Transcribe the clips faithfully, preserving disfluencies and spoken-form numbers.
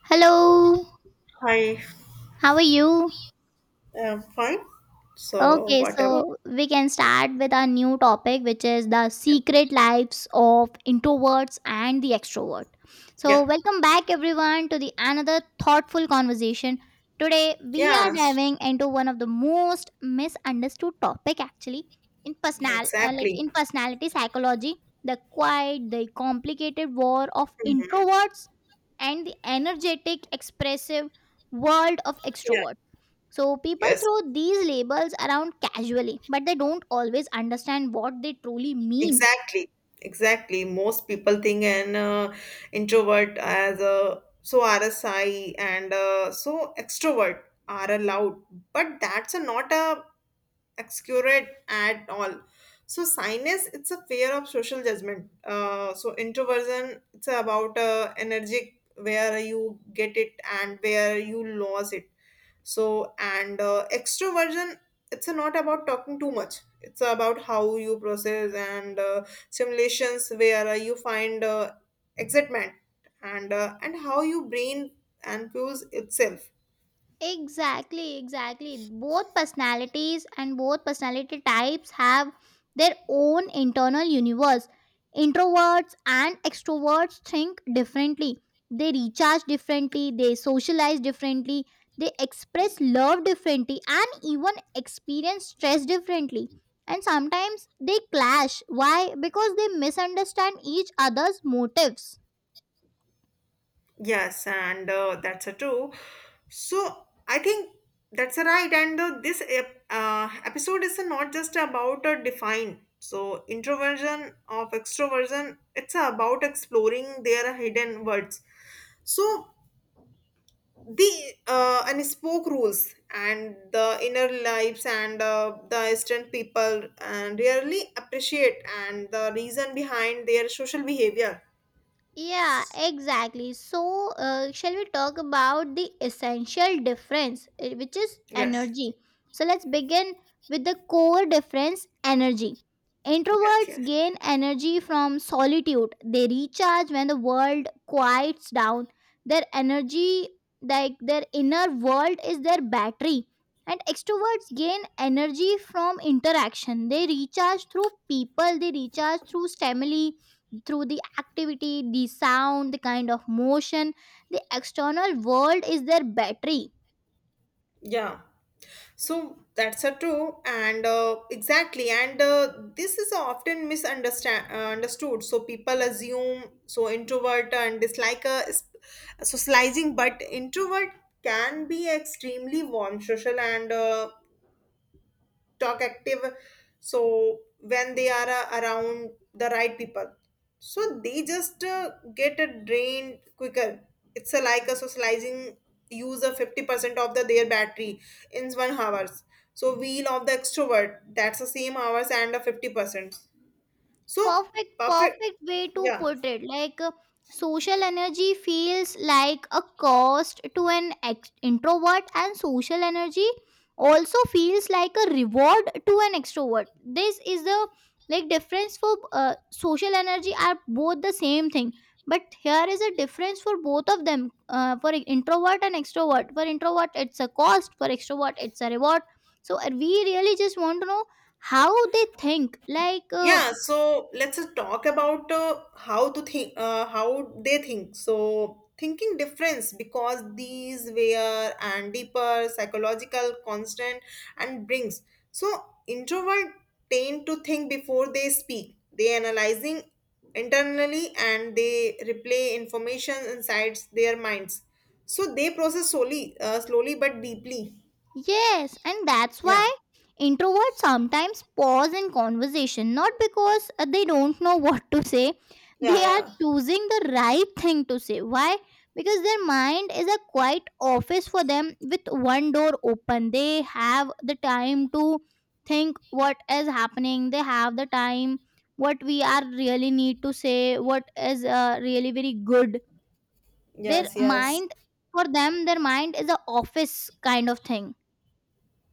Hello, Hi, how are you? um, fine. So Okay, whatever. Yeah. so we can start with our new topic, which is the secret lives of introverts and the extrovert. So, Yeah, welcome back everyone to the another thoughtful conversation. Today, we are yes, diving into one of the most misunderstood topic actually in yeah, personal, uh, like exactly. in personality psychology, the quiet, the complicated war of Mhm. introverts and the energetic, expressive world of Yeah, extroverts. So people yes, throw these labels around casually, but they don't always understand what they truly mean. exactly, exactly. Most people think an uh, introvert as a so R S I and uh, so extrovert are allowed, but that's a, not a excurate at all. So shyness it's a fear of social judgment, uh, so introversion it's about uh, energy where you get it and where you lose it. So and uh, extroversion it's not about talking too much, it's about how you process and uh, simulations where uh, you find uh, excitement and uh, and how your brain and fuels itself. Exactly, exactly. Both personalities and both personality types have their own internal universe. Introverts and extroverts think differently. They recharge differently, they socialize differently, they express love differently, and even experience stress differently. And sometimes they clash. Why? Because they misunderstand each other's motives. Yes, and uh, that's a true. So I think that's a right. And uh, this ep- uh, episode is not just about a define. So introversion of extroversion, it's about exploring their hidden words. So the uh, unspoken rules and the inner lives and uh, the distant people and really appreciate and the reason behind their social behavior. Yeah, exactly. So, uh, shall we talk about the essential difference, uh, which is Yes, energy? So, let's begin with the core difference energy. yes, Introverts yes. gain energy from solitude, they recharge when the world quiets down. Their energy, like their inner world, is their battery. And extroverts gain energy from interaction. They recharge through people, they recharge through stimuli, through the activity, the sound, the kind of motion, the external world is their battery. Yeah. So that's a true, and uh, exactly, and uh, this is often misunderstand uh, understood. So people assume so introvert and dislike uh, is- socializing, but introvert can be extremely warm, social, and uh, talk active, so when they are uh, around the right people, so they just uh, get uh, drained quicker. It's uh, like a socializing use of fifty percent of the their battery in one hours. So wheel of the extrovert that's the same hours and a fifty percent. So Perfect, perfect, perfect way to yeah. put it. Like, uh, social energy feels like a cost to an ex- introvert, and social energy also feels like a reward to an extrovert. This is the like difference for, uh, social energy are both the same thing, but here is a difference for both of them. Uh, for e-, introvert and extrovert, for introvert it's a cost, for extrovert it's a reward. So uh, we really just want to know how they think. Like. Uh, Yeah, so let's just talk about uh, how to think, uh, how they think. So thinking difference because these were and deeper psychological constant and brings. So introvert tend to think before they speak. They analyzing internally and they replay information inside their minds. So they process slowly, uh, slowly but deeply. Yes, and that's Yeah, why introverts sometimes pause in conversation, not because uh, they don't know what to say, yeah, they are yeah. choosing the right thing to say. Why? Because their mind is a quiet office for them with one door open. They have the time to think what is happening, they have the time what we are really need to say, what is uh, really very good. Their Yes, yes. mind, for them, their mind is a office kind of thing.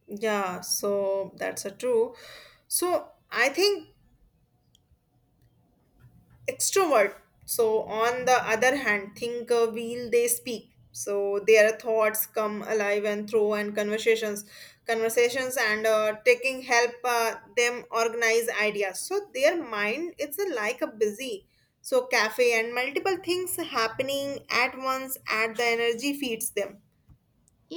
Yeah, so that's a true. So I think extrovert. So, on the other hand, think uh, wheel they speak. So their thoughts come alive and through and conversations, conversations and uh, taking help uh, them organize ideas. So their mind it's a, like a busy. So cafe and multiple things happening at once at the energy feeds them.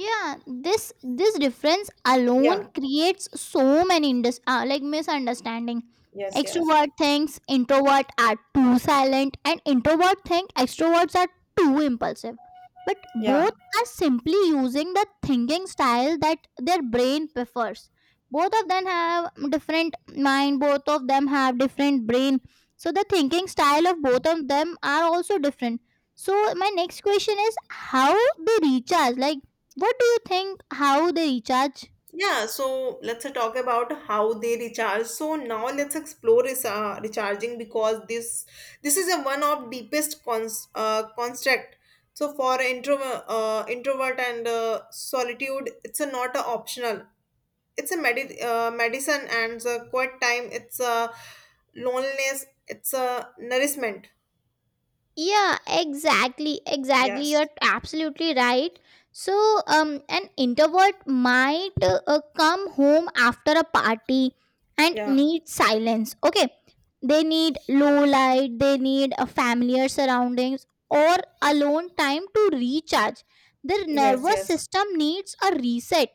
Yeah, this this difference alone Yeah. creates so many indus- uh, like misunderstanding. Yes. Yes. Extrovert thinks introvert are too silent and introvert think extroverts are too impulsive, but Yeah. both are simply using the thinking style that their brain prefers. Both of them have different mind, both of them have different brain, so the thinking style of both of them are also different. So my next question is how they recharge, like what do you think how they recharge? Yeah, so let's uh, talk about how they recharge. So now let's explore is uh, recharging because this this is a one of deepest cons uh, construct. So for intro uh, introvert and uh, solitude, it's a not a optional. It's a medi uh, medicine and a quiet time. It's a loneliness. It's a nourishment. Yeah, exactly, exactly. Yes. You're absolutely right. So, um, an introvert might uh, uh, come home after a party and Yeah. need silence. Okay, they need low light, they need a familiar surroundings or alone time to recharge. Their Yes. nervous Yes. system needs a reset.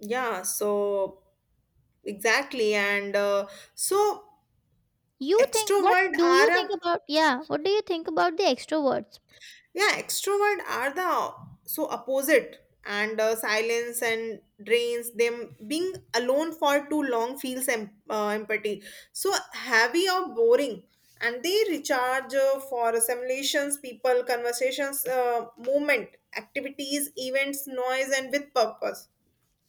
Yeah. So exactly. And Uh, so You think what extrovert do are you think a about, yeah, what do you think about the extroverts? Yeah, extrovert are the so opposite and uh, silence and drains them, being alone for too long feels em- uh, empathy, so heavy or boring. And they recharge uh, for assimilations, people, conversations, uh, movement, activities, events, noise and with purpose.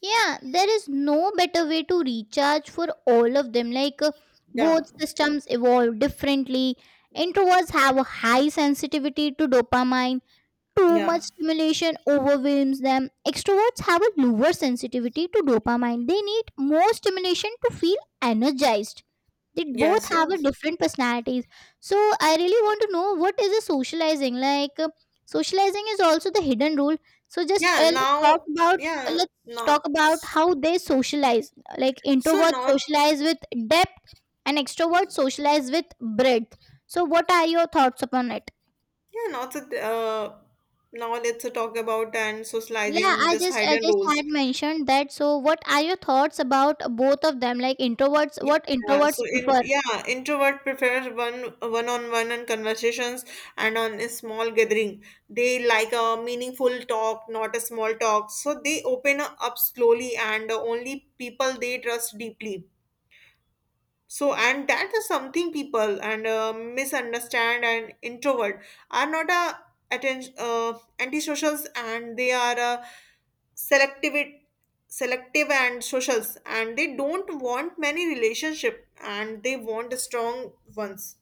Yeah, there is no better way to recharge for all of them. Like, uh, Yeah, both systems evolve differently. Introverts have a high sensitivity to dopamine. Too yeah, much stimulation overwhelms them. Extroverts have a lower sensitivity to dopamine. They need more stimulation to feel energized. They both yes, have a yes, different personalities. So I really want to know what is a socializing, like, uh, socializing is also the hidden rule. So just yeah. uh, let's talk Now, about, uh, yeah. let's Now, talk about how they socialize, like so introverts now. socialize with depth and extroverts socialize with breadth. So what are your thoughts upon it? Yeah, now it's a, uh, now let's talk about and Yeah, socializing i this just i hidden just roles. had mentioned that, so what are your thoughts about both of them, like introverts, Yeah, what yeah. So introverts in, prefer. yeah, introvert prefers one one on one and conversations and on a small gathering. They like a meaningful talk, not a small talk. So they open up slowly and only people they trust deeply. So, and that is something people and uh, misunderstand, and introvert are not a attention uh, antisocials, and they are uh, selective selective and socials, and they don't want many relationship and they want strong ones.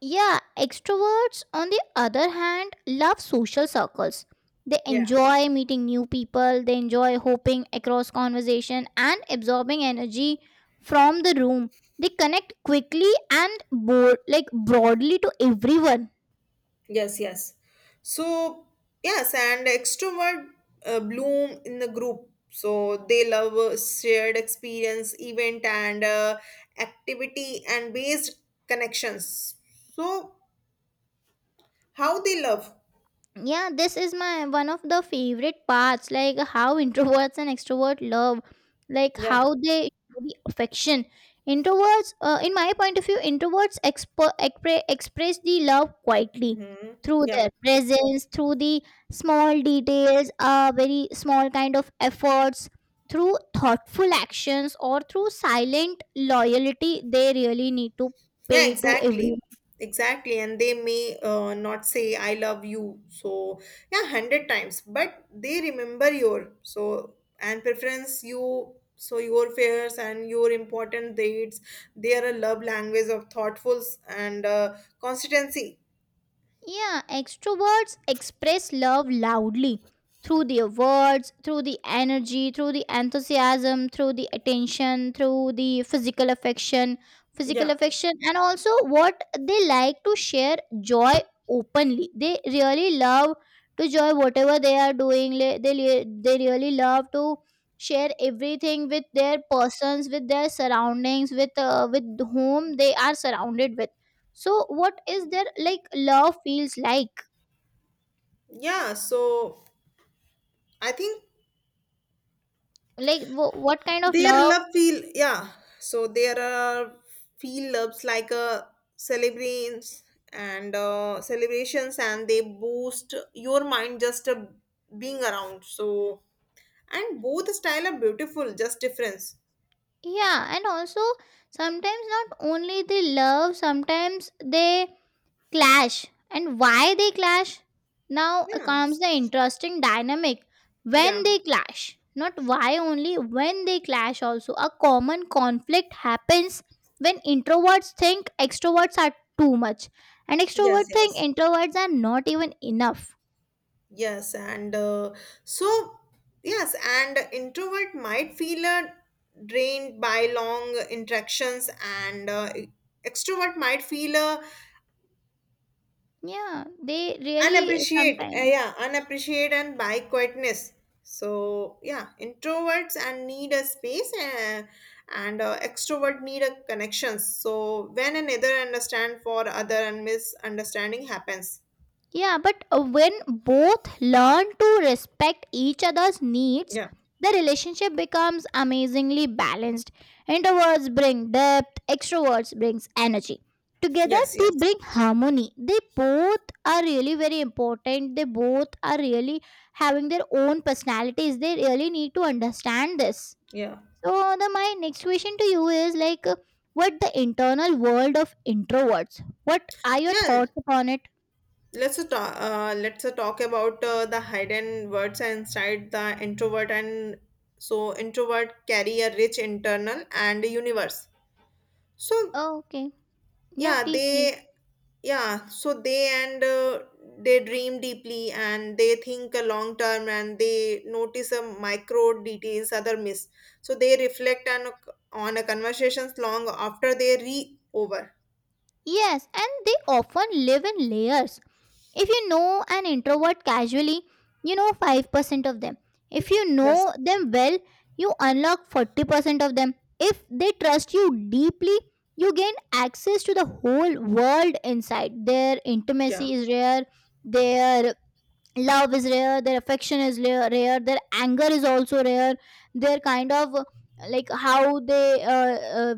Yeah, extroverts, on the other hand, love social circles. They Yeah. enjoy meeting new people, they enjoy hopping across conversation and absorbing energy from the room. They connect quickly and board, like broadly to everyone. Yes, yes. So, yes, and extrovert uh, bloom in the group. So they love uh, shared experience, event, and uh, activity and based connections. So how they love? Yeah, this is my one of the favorite parts, like how introverts and extroverts love, like Yeah. how they show the affection. Introverts, uh, in my point of view, introverts expo- expre- express the love quietly Mm-hmm. through their presence, through the small details, uh, very small kind of efforts, through thoughtful actions or through silent loyalty they really need to Yeah, pay to everyone. exactly. Exactly. And they may uh, not say, I love you. So, yeah, one hundred times, but they remember your so and preference you. So, your fears and your important dates, they are a love language of thoughtfuls and uh, consistency. Yeah, extroverts express love loudly through their words, through the energy, through the enthusiasm, through the attention, through the physical affection, physical Yeah. affection, and also what they like to share joy openly. They really love to joy whatever they are doing. Le- They, le- they really love to share everything with their persons, with their surroundings, with, uh, with whom they are surrounded with. So what is their like love feels like Yeah. So, I think. like wh- what kind of Their love. love feel, yeah. So there are feel loves like a celebrations and uh, celebrations and they boost your mind just uh, being around. So and both style are beautiful, just difference. Yeah, and also sometimes not only they love, sometimes they clash. And why they clash? Now uh, Yeah. comes the interesting dynamic. Yeah. When they clash, not why only when they clash, also a common conflict happens when introverts think extroverts are too much and Yes, extroverts think yes. introverts are not even enough. Yes, and uh, so yes, and introvert might feel uh, drained by long interactions, and uh, extrovert might feel uh, Yeah, they really unappreciate uh, sometimes. yeah unappreciate and by quietness. So yeah, introverts and need a space uh, and uh, extrovert need a connection, so when another understand for other and misunderstanding happens. Yeah, but uh, when both learn to respect each other's needs, Yeah, the relationship becomes amazingly balanced. Introverts bring depth, extroverts brings energy. Together yes, they yes, bring harmony. They both are really very important. They both are really having their own personalities. They really need to understand this. yeah. So the my next question to you is like, uh, what the internal world of introverts? What are your Yeah, thoughts upon it? let's uh, talk uh, let's uh, talk about uh, the hidden words inside the introvert. And so introvert carry a rich internal and universe. so Oh, okay. Yeah, yeah please, please. they yeah so they and uh, they dream deeply and they think a long term and they notice a micro details other miss, so they reflect on on a conversations long after they re over. Yes, and they often live in layers. If you know an introvert casually, you know five percent of them. If you Yes. know them well, you unlock forty percent of them. If they trust you deeply, you gain access to the whole world inside. Their Yeah. intimacy is rare, their love is rare, their affection is rare, rare, their anger is also rare, their kind of, uh, like how they, uh, uh,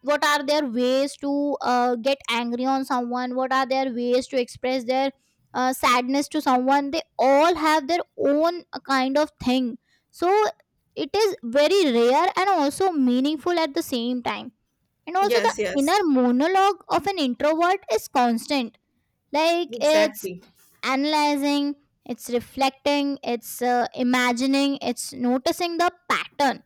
what are their ways to uh, get angry on someone, what are their ways to express their uh, sadness to someone. They all have their own uh, kind of thing. So it is very rare and also meaningful at the same time. And also the Yes. inner Yes. monologue of an introvert is constant, like it's Exactly. analyzing, it's reflecting, it's uh, imagining, it's noticing the pattern.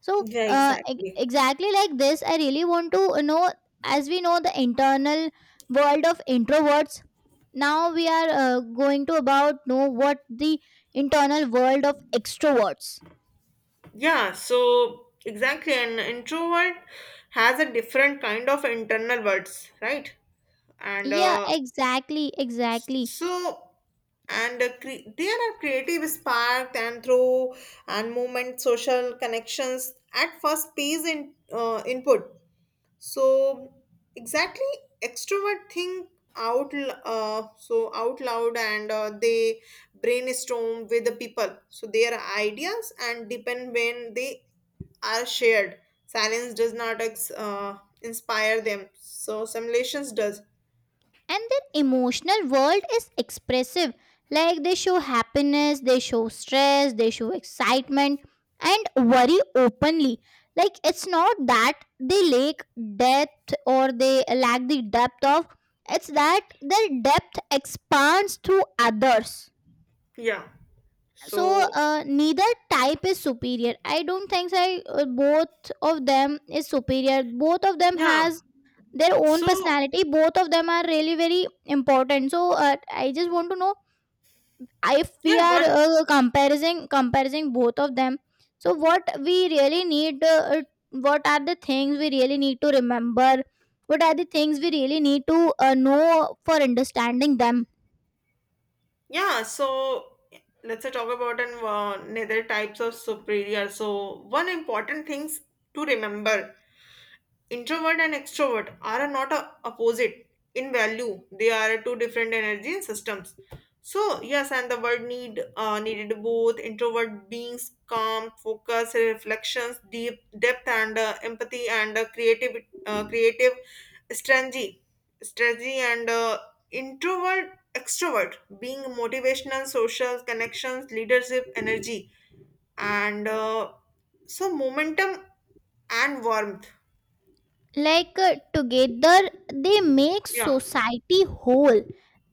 So, Yeah. uh, e- Exactly. exactly like this, I really want to, you know, as we know, the internal world of introverts. Now we are uh, going to about know what the internal world of extroverts. Yeah, so exactly, an introvert has a different kind of internal words, right? And Yeah, uh, exactly, exactly. so, and uh, cre- there are creative spark and through and movement, social connections at first pays in uh, input. So, exactly, extrovert think out l- uh, so out loud, and uh, they brainstorm with the people. So their ideas and depend when they are shared. Silence does not ex- uh, inspire them. So simulations does. And their emotional world is expressive, like they show happiness, they show stress, they show excitement and worry openly. Like it's not that they lack depth or they lack the depth of, it's that their depth expands through others. Yeah. So, So uh, neither type is superior. I don't think so. I, uh, both of them is superior, both of them yeah, has their own So personality, both of them are really very important. So, uh, I just want to know if we yeah, are one, uh, comparing comparing both of them, so what we really need, uh, what are the things we really need to remember, what are the things we really need to uh, know for understanding them. yeah. So let's say talk about an uh, another types of superior. So one important things to remember. Introvert and extrovert are not a opposite in value. They are two different energy systems. So yes, and the world need uh, needed both introvert beings calm, focus, reflections, deep depth, and uh, empathy, and uh, creative uh, creative strategy, strategy, and uh, introvert extrovert being motivational, social connections, leadership, energy, and uh, so momentum and warmth. Like, uh, together they make Yeah. society whole.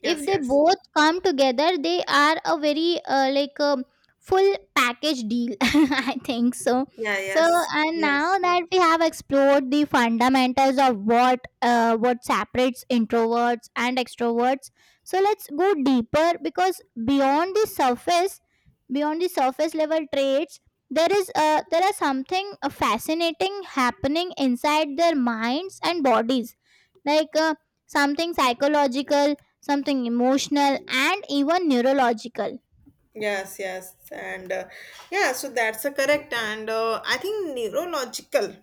If Yes, they yes. both come together they are a very, uh, like, um full package deal I think so. Yeah, So, yes, and yes. now that we have explored the fundamentals of what, uh, what separates introverts and extroverts, so let's go deeper, because beyond the surface, beyond the surface level traits, there is uh, there are something uh, fascinating happening inside their minds and bodies, like, uh, something psychological, something emotional, and even neurological. Yes, yes. And uh, yeah, so that's a correct. And uh, I think neurological.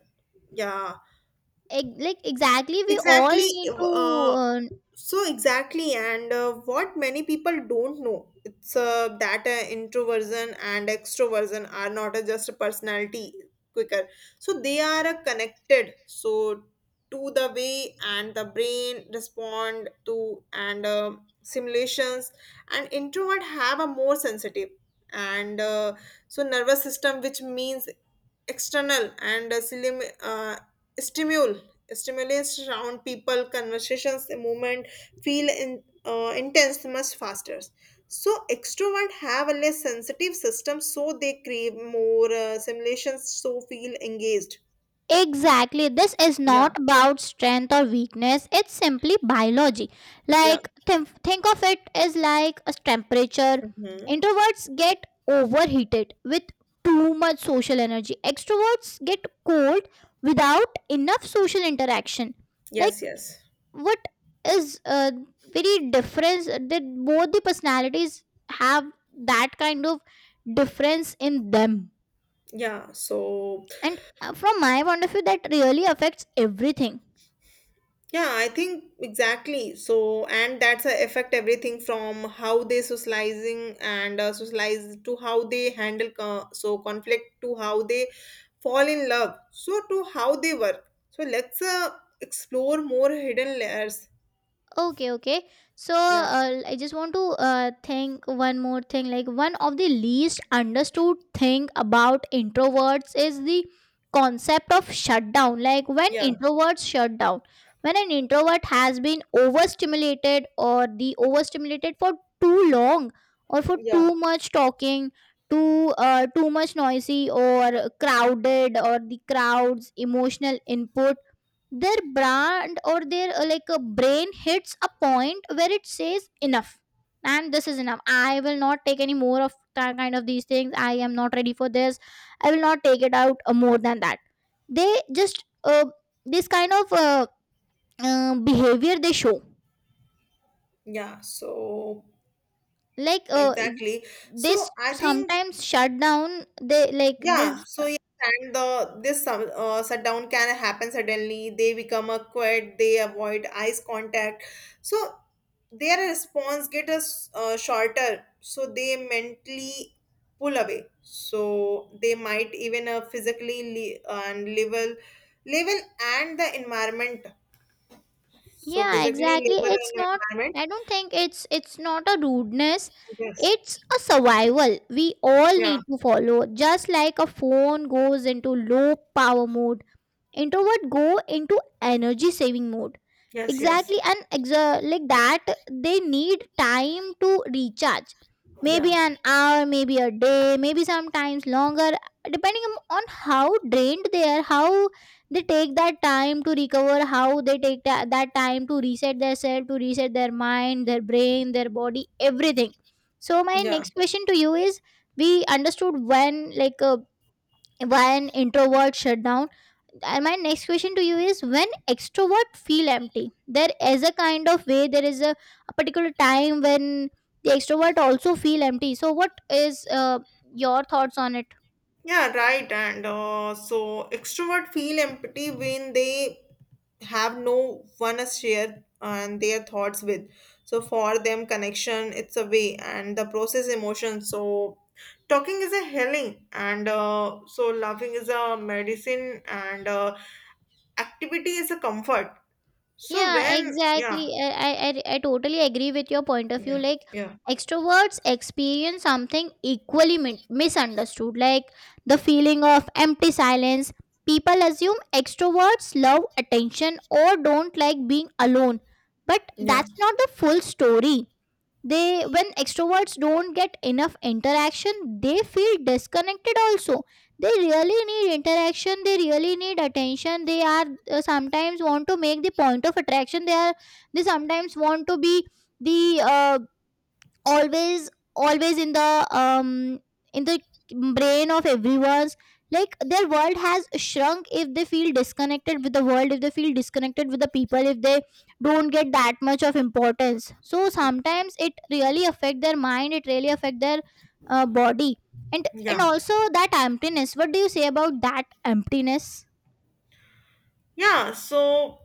Yeah. Ex- like exactly, we all Exactly. need to, Uh, uh, so exactly, and uh, what many people don't know, it's uh, that uh, introversion and extroversion are not uh, just a personality quicker. So they are uh, connected. So to the way and the brain respond to and uh, simulations, and introvert have a more sensitive and uh, so nervous system, which means external and uh, slim, uh, stimuli stimulus around people, conversations, the movement feel in, uh, intense much faster. So extrovert have a less sensitive system, so they crave more uh, simulations so feel engaged. exactly. This is not Yeah, about strength or weakness. It's simply biology. yeah. Like, th- think of it as like a temperature. Mhm. Introverts get overheated with too much social energy. Extroverts get cold without enough social interaction. Like Yes, yes, what is, uh, very difference that both the personalities have, that kind of difference in them. yeah, so. And uh, from my point of view, that really affects everything. Yeah, I think exactly. So, and that's a affect everything, from how they socializing and uh, socialize to how they handle co- so conflict to how they fall in love. So to how they work. So let's uh, explore more hidden layers. Okay, okay. So Yeah, uh, I just want to uh, think one more thing. Like one of the least understood thing about introverts is the concept of shutdown. Like when yeah, introverts shut down, when an introvert has been overstimulated or the overstimulated for too long or for yeah, too much talking, too uh, too much noisy or crowded or the crowds emotional input, their brand or their, uh, like a brain hits a point where it says enough, and this is enough, I will not take any more of that kind of these things, I am not ready for this, I will not take it out uh, more than that. They just uh, this kind of uh, uh, behavior they show, yeah. So like, uh, exactly. So this I think. sometimes shut down they like Yeah, this. so yeah, and the this sum- uh, shutdown can happen suddenly. They become a quiet. They avoid eyes contact. So their response get us uh, shorter. So they mentally pull away. So they might even uh, physically le- and level level and the environment. So Yeah, physically exactly. level It's and not, environment. I don't think it's it's not a rudeness. Yes. It's a survival. We all Yeah. need to follow. Just like a phone goes into low power mode, introvert go into energy saving mode Yes. Yes. exactly and exa- like that they need time to recharge, Yeah. maybe an hour, maybe a day, maybe sometimes longer, depending on on how drained they are, how they take that time to recover, how they take tha- that time to reset their self, to reset their mind, their brain, their body, everything. So my Yeah. next question to you is we understood when like uh, why an introvert shut down, and my next question to you is when extrovert feel empty, there is a kind of way, there is a, a particular time when the extrovert also feel empty. So what is uh, your thoughts on it? Yeah, right. And uh, so extrovert feel empty when they have no one to share and their thoughts with. So for them, connection it's a way and the process emotion. So talking is a healing, and uh, so laughing is a medicine, and uh, activity is a comfort. So Yeah, when, yeah, exactly. I, I, I I totally agree with your point of view. yeah, Like, yeah, extroverts experience something equally mi- misunderstood, like the feeling of empty silence. People assume extroverts love attention or don't like being alone, but yeah, that's not the full story. They, when extroverts don't get enough interaction, they feel disconnected also. They really need interaction, they really need attention, they are uh, sometimes want to make the point of attraction, they are, they sometimes want to be the uh, always, always in the um in the brain of everyone's. Like their world has shrunk if they feel disconnected with the world, if they feel disconnected with the people, if they don't get that much of importance. So sometimes it really affect their mind, it really affect their uh, body. And and yeah, also that emptiness, what do you say about that emptiness? yeah, so,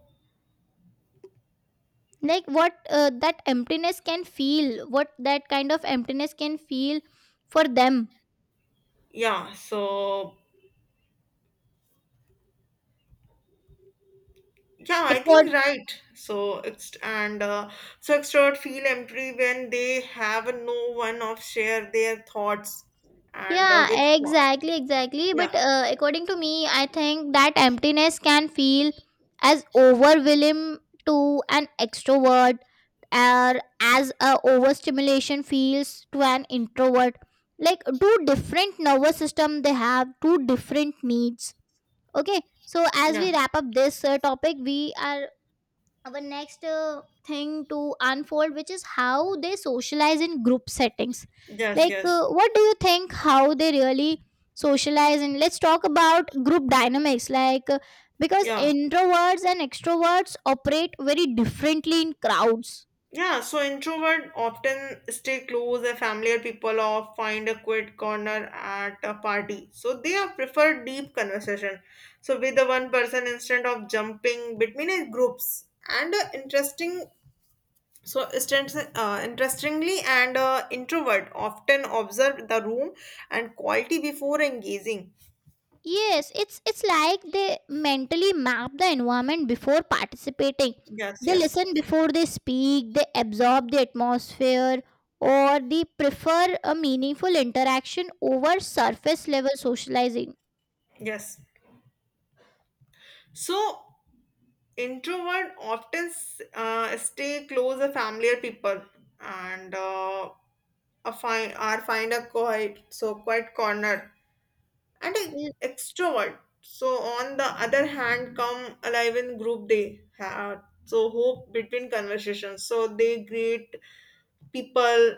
Like what uh, that emptiness can feel, what that kind of emptiness can feel for them, yeah. So, yeah, it I think could. right. So ext and uh, so extrovert feel empty when they have no one of share their thoughts and uh, with Yeah, wha- exactly, exactly. yeah, But uh, according to me, I think that emptiness can feel as overwhelming to an extrovert or as a overstimulation feels to an introvert. Like two different nervous system, they have two different needs. Okay. So as yeah, we wrap up this uh, topic, we are our next uh, thing to unfold, which is how they socialize in group settings. yes, Like yes, uh, what do you think how they really socialize, and let's talk about group dynamics, like uh, because yeah, introverts and extroverts operate very differently in crowds. yeah. So introvert often stay close a familiar people or find a quiet corner at a party. So they are prefer deep conversation. So with the one person instead of jumping between uh, groups and uh, interesting. So, strengths- uh, interestingly, an uh, introvert often observe the room and quality before engaging. Yes, it's it's like they mentally map the environment before participating. Yes, They listen yes, before they speak, they absorb the atmosphere, or they prefer a meaningful interaction over surface level socializing. yes. So, introvert often uh, stay close to familiar people and uh, a find are find a quiet, so quiet corner. And a L- extrovert, so on the other hand, come alive in group, they have so hope between conversations. So they greet people,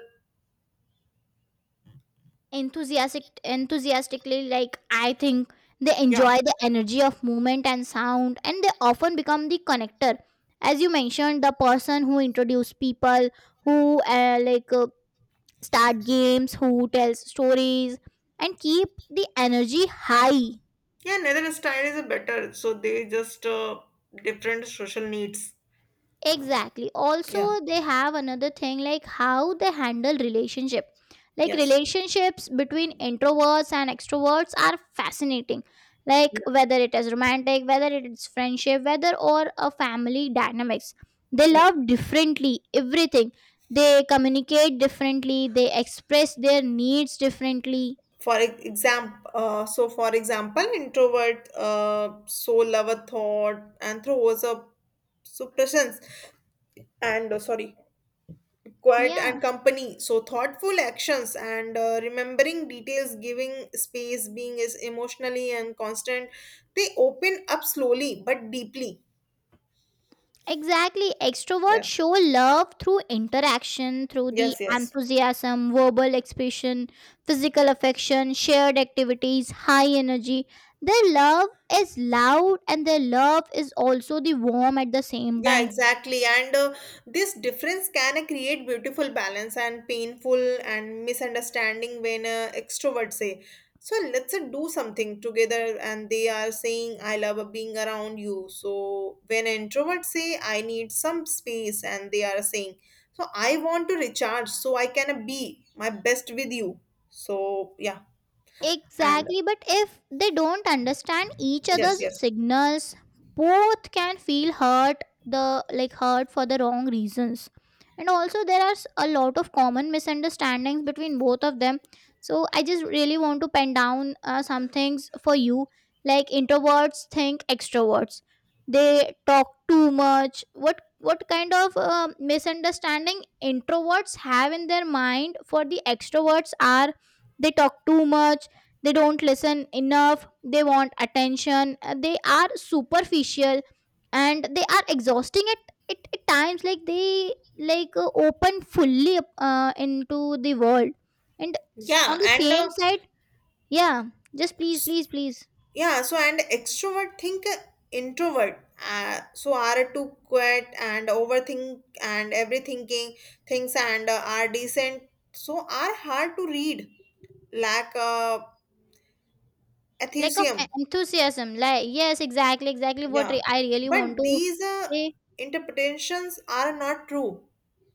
Enthusiastic, enthusiastically, like I think they yeah. enjoy the energy of movement and sound, and they often become the connector. As you mentioned, the person who introduced people, who uh, like uh, start games, who tells stories, and keep the energy high. Yeah, neither style is a better. So they just uh, different social needs. Exactly. Yeah, Also, they have another thing like how they handle relationship. Like yes. relationships between introverts and extroverts are fascinating. Yeah. Like whether it is romantic, whether it is friendship, whether or a family dynamics. They Yeah. love differently everything. They communicate differently, they express their needs differently. For example, uh, so for example, introvert uh, soul lover thought and throws up suppressions and uh, sorry, quiet Yeah. and company. So thoughtful actions and uh, remembering details, giving space, being is emotionally and constant. They open up slowly but deeply. Exactly. Extroverts Yeah. show love through interaction, through the Yes. Yes. enthusiasm, verbal expression, physical affection, shared activities, high energy. Their love is loud, and their love is also the warm at the same Yeah, time. exactly. And uh, this difference can uh, create beautiful balance and painful and misunderstanding, when uh, extroverts say, so let's uh, do something together. And they are saying, I love uh, being around you. So when introverts say, I need some space, and they are saying, so I want to recharge so I can uh, be my best with you. So, yeah. And Exactly, but if they don't understand each yes, other's yes. signals, both can feel hurt, the like hurt for the wrong reasons. And also there are s- a lot of common misunderstandings between both of them. So I just really want to pen down uh, some things for you, like introverts think extroverts. They talk too much. What what kind of uh, misunderstanding introverts have in their mind for the extroverts are, they talk too much, they don't listen enough, they want attention, uh, they are superficial, and they are exhausting at, at, at times like they like uh, open fully up, uh, into the world. And s- on Yeah. the And uh, same side, yeah, just please please please yeah, so and extrovert think uh, introvert uh, so are too quiet and overthink and everythinking things and uh, are decent, so are hard to read, lack uh, lack of e- atheism. enthusiasm, like yes exactly exactly what Yeah, re- I really but want to these uh, say. interpretations are not true,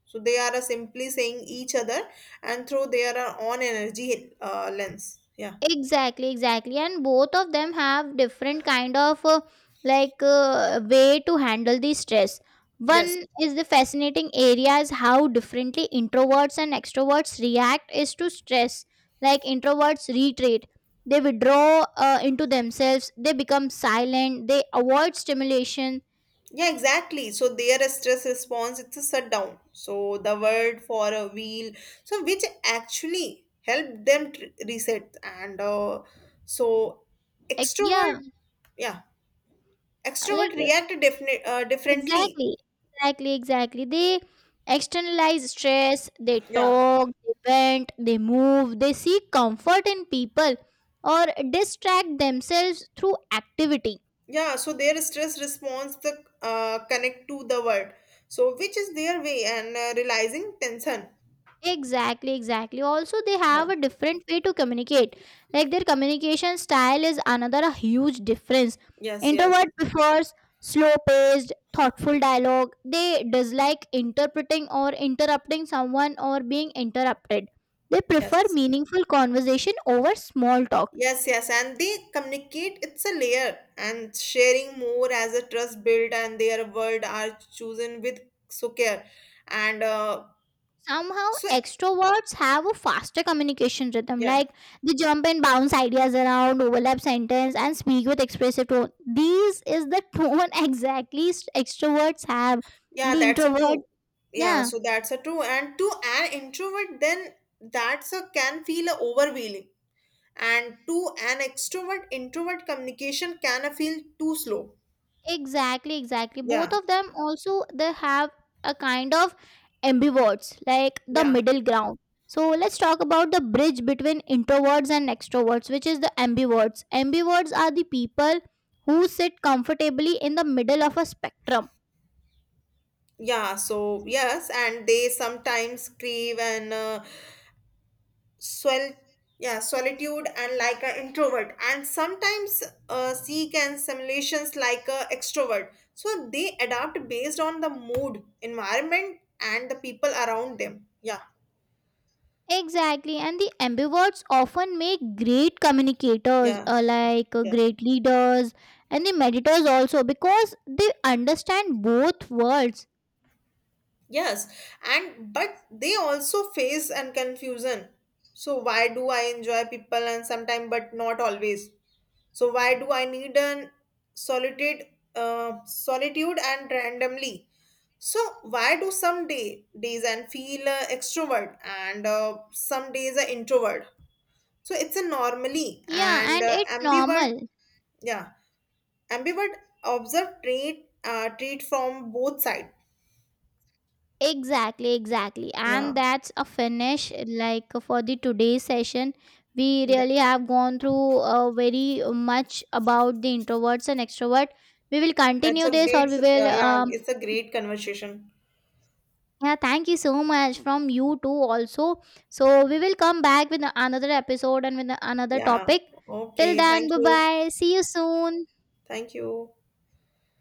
so they are uh, simply saying each other and through their uh, own energy uh, lens, yeah, Exactly, exactly, and both of them have different kind of uh, like uh, way to handle the stress. yes. One is, the fascinating area is how differently introverts and extroverts react is to stress. Like introverts retreat, they withdraw uh, into themselves, they become silent, they avoid stimulation, Yeah, exactly. So their stress response, it's a shutdown. So the word for a wheel, so which actually help them tr- reset. And uh, so like extrovert, yeah, yeah, like extrovert uh, react definite uh, differently. exactly, exactly, exactly. They externalize stress, they Yeah, talk, they vent, they move, they seek comfort in people or distract themselves through activity. yeah. So their stress response, the uh, connect to the word. So which is their way and uh, realizing tension. Exactly, exactly. Also, they Yeah. have a different way to communicate. Like their communication style is another huge difference. Yes. Yes. Introvert prefers slow-paced, thoughtful dialogue. They dislike interpreting or interrupting someone or being interrupted. They prefer Yes. meaningful conversation over small talk. Yes, yes, and they communicate. It's a layer, and sharing more as a trust build, and their word are chosen with so care, and uh, Somehow so extroverts have a faster communication rhythm, yeah, like they jump and bounce ideas around, overlap sentence, and speak with expressive tone. These is the tone exactly, s- extroverts have, and yeah, the that's a introverts, true. Yeah, yeah. so that's a true. And to an introvert, then that's a can feel a overwhelming, and to an extrovert, introvert communication can a feel too slow. Exactly, exactly. Both Yeah, of them also, they have a kind of ambiverts, like the yeah, middle ground. So let's talk about the bridge between introverts and extroverts, which is the ambiverts. Ambiverts are the people who sit comfortably in the middle of a spectrum. yeah. So yes, and they sometimes crave and. Uh, sol- yeah, solitude and like an introvert, and sometimes uh, seek and simulations like a extrovert. So they adapt based on the mood, environment, and the people around them. Yeah, Exactly, and the ambiverts often make great communicators, yeah, uh, like uh, yeah. great leaders, and the meditators also because they understand both worlds. Yes, and but they also face and confusion. So why do I enjoy people and sometimes, but not always? So why do I need an solitude, uh, solitude and randomly? So why do some day days and feel uh, extrovert and uh, some days are introvert? So it's a normally Yeah, and and uh, it's ambivert, normal. yeah, ambivert observe trait uh, trait from both side. Exactly, exactly. Yeah, And that's a finish like for the today's session. We yeah, really have gone through uh, very much about the introverts and extrovert. We will it's continue a this, or great, we will uh, yeah, um, it's a great conversation. yeah, thank you so much from you too also. So we will come back with another episode and with another Yeah, topic. Till okay, then, thank bye you, bye. See you soon. thank you.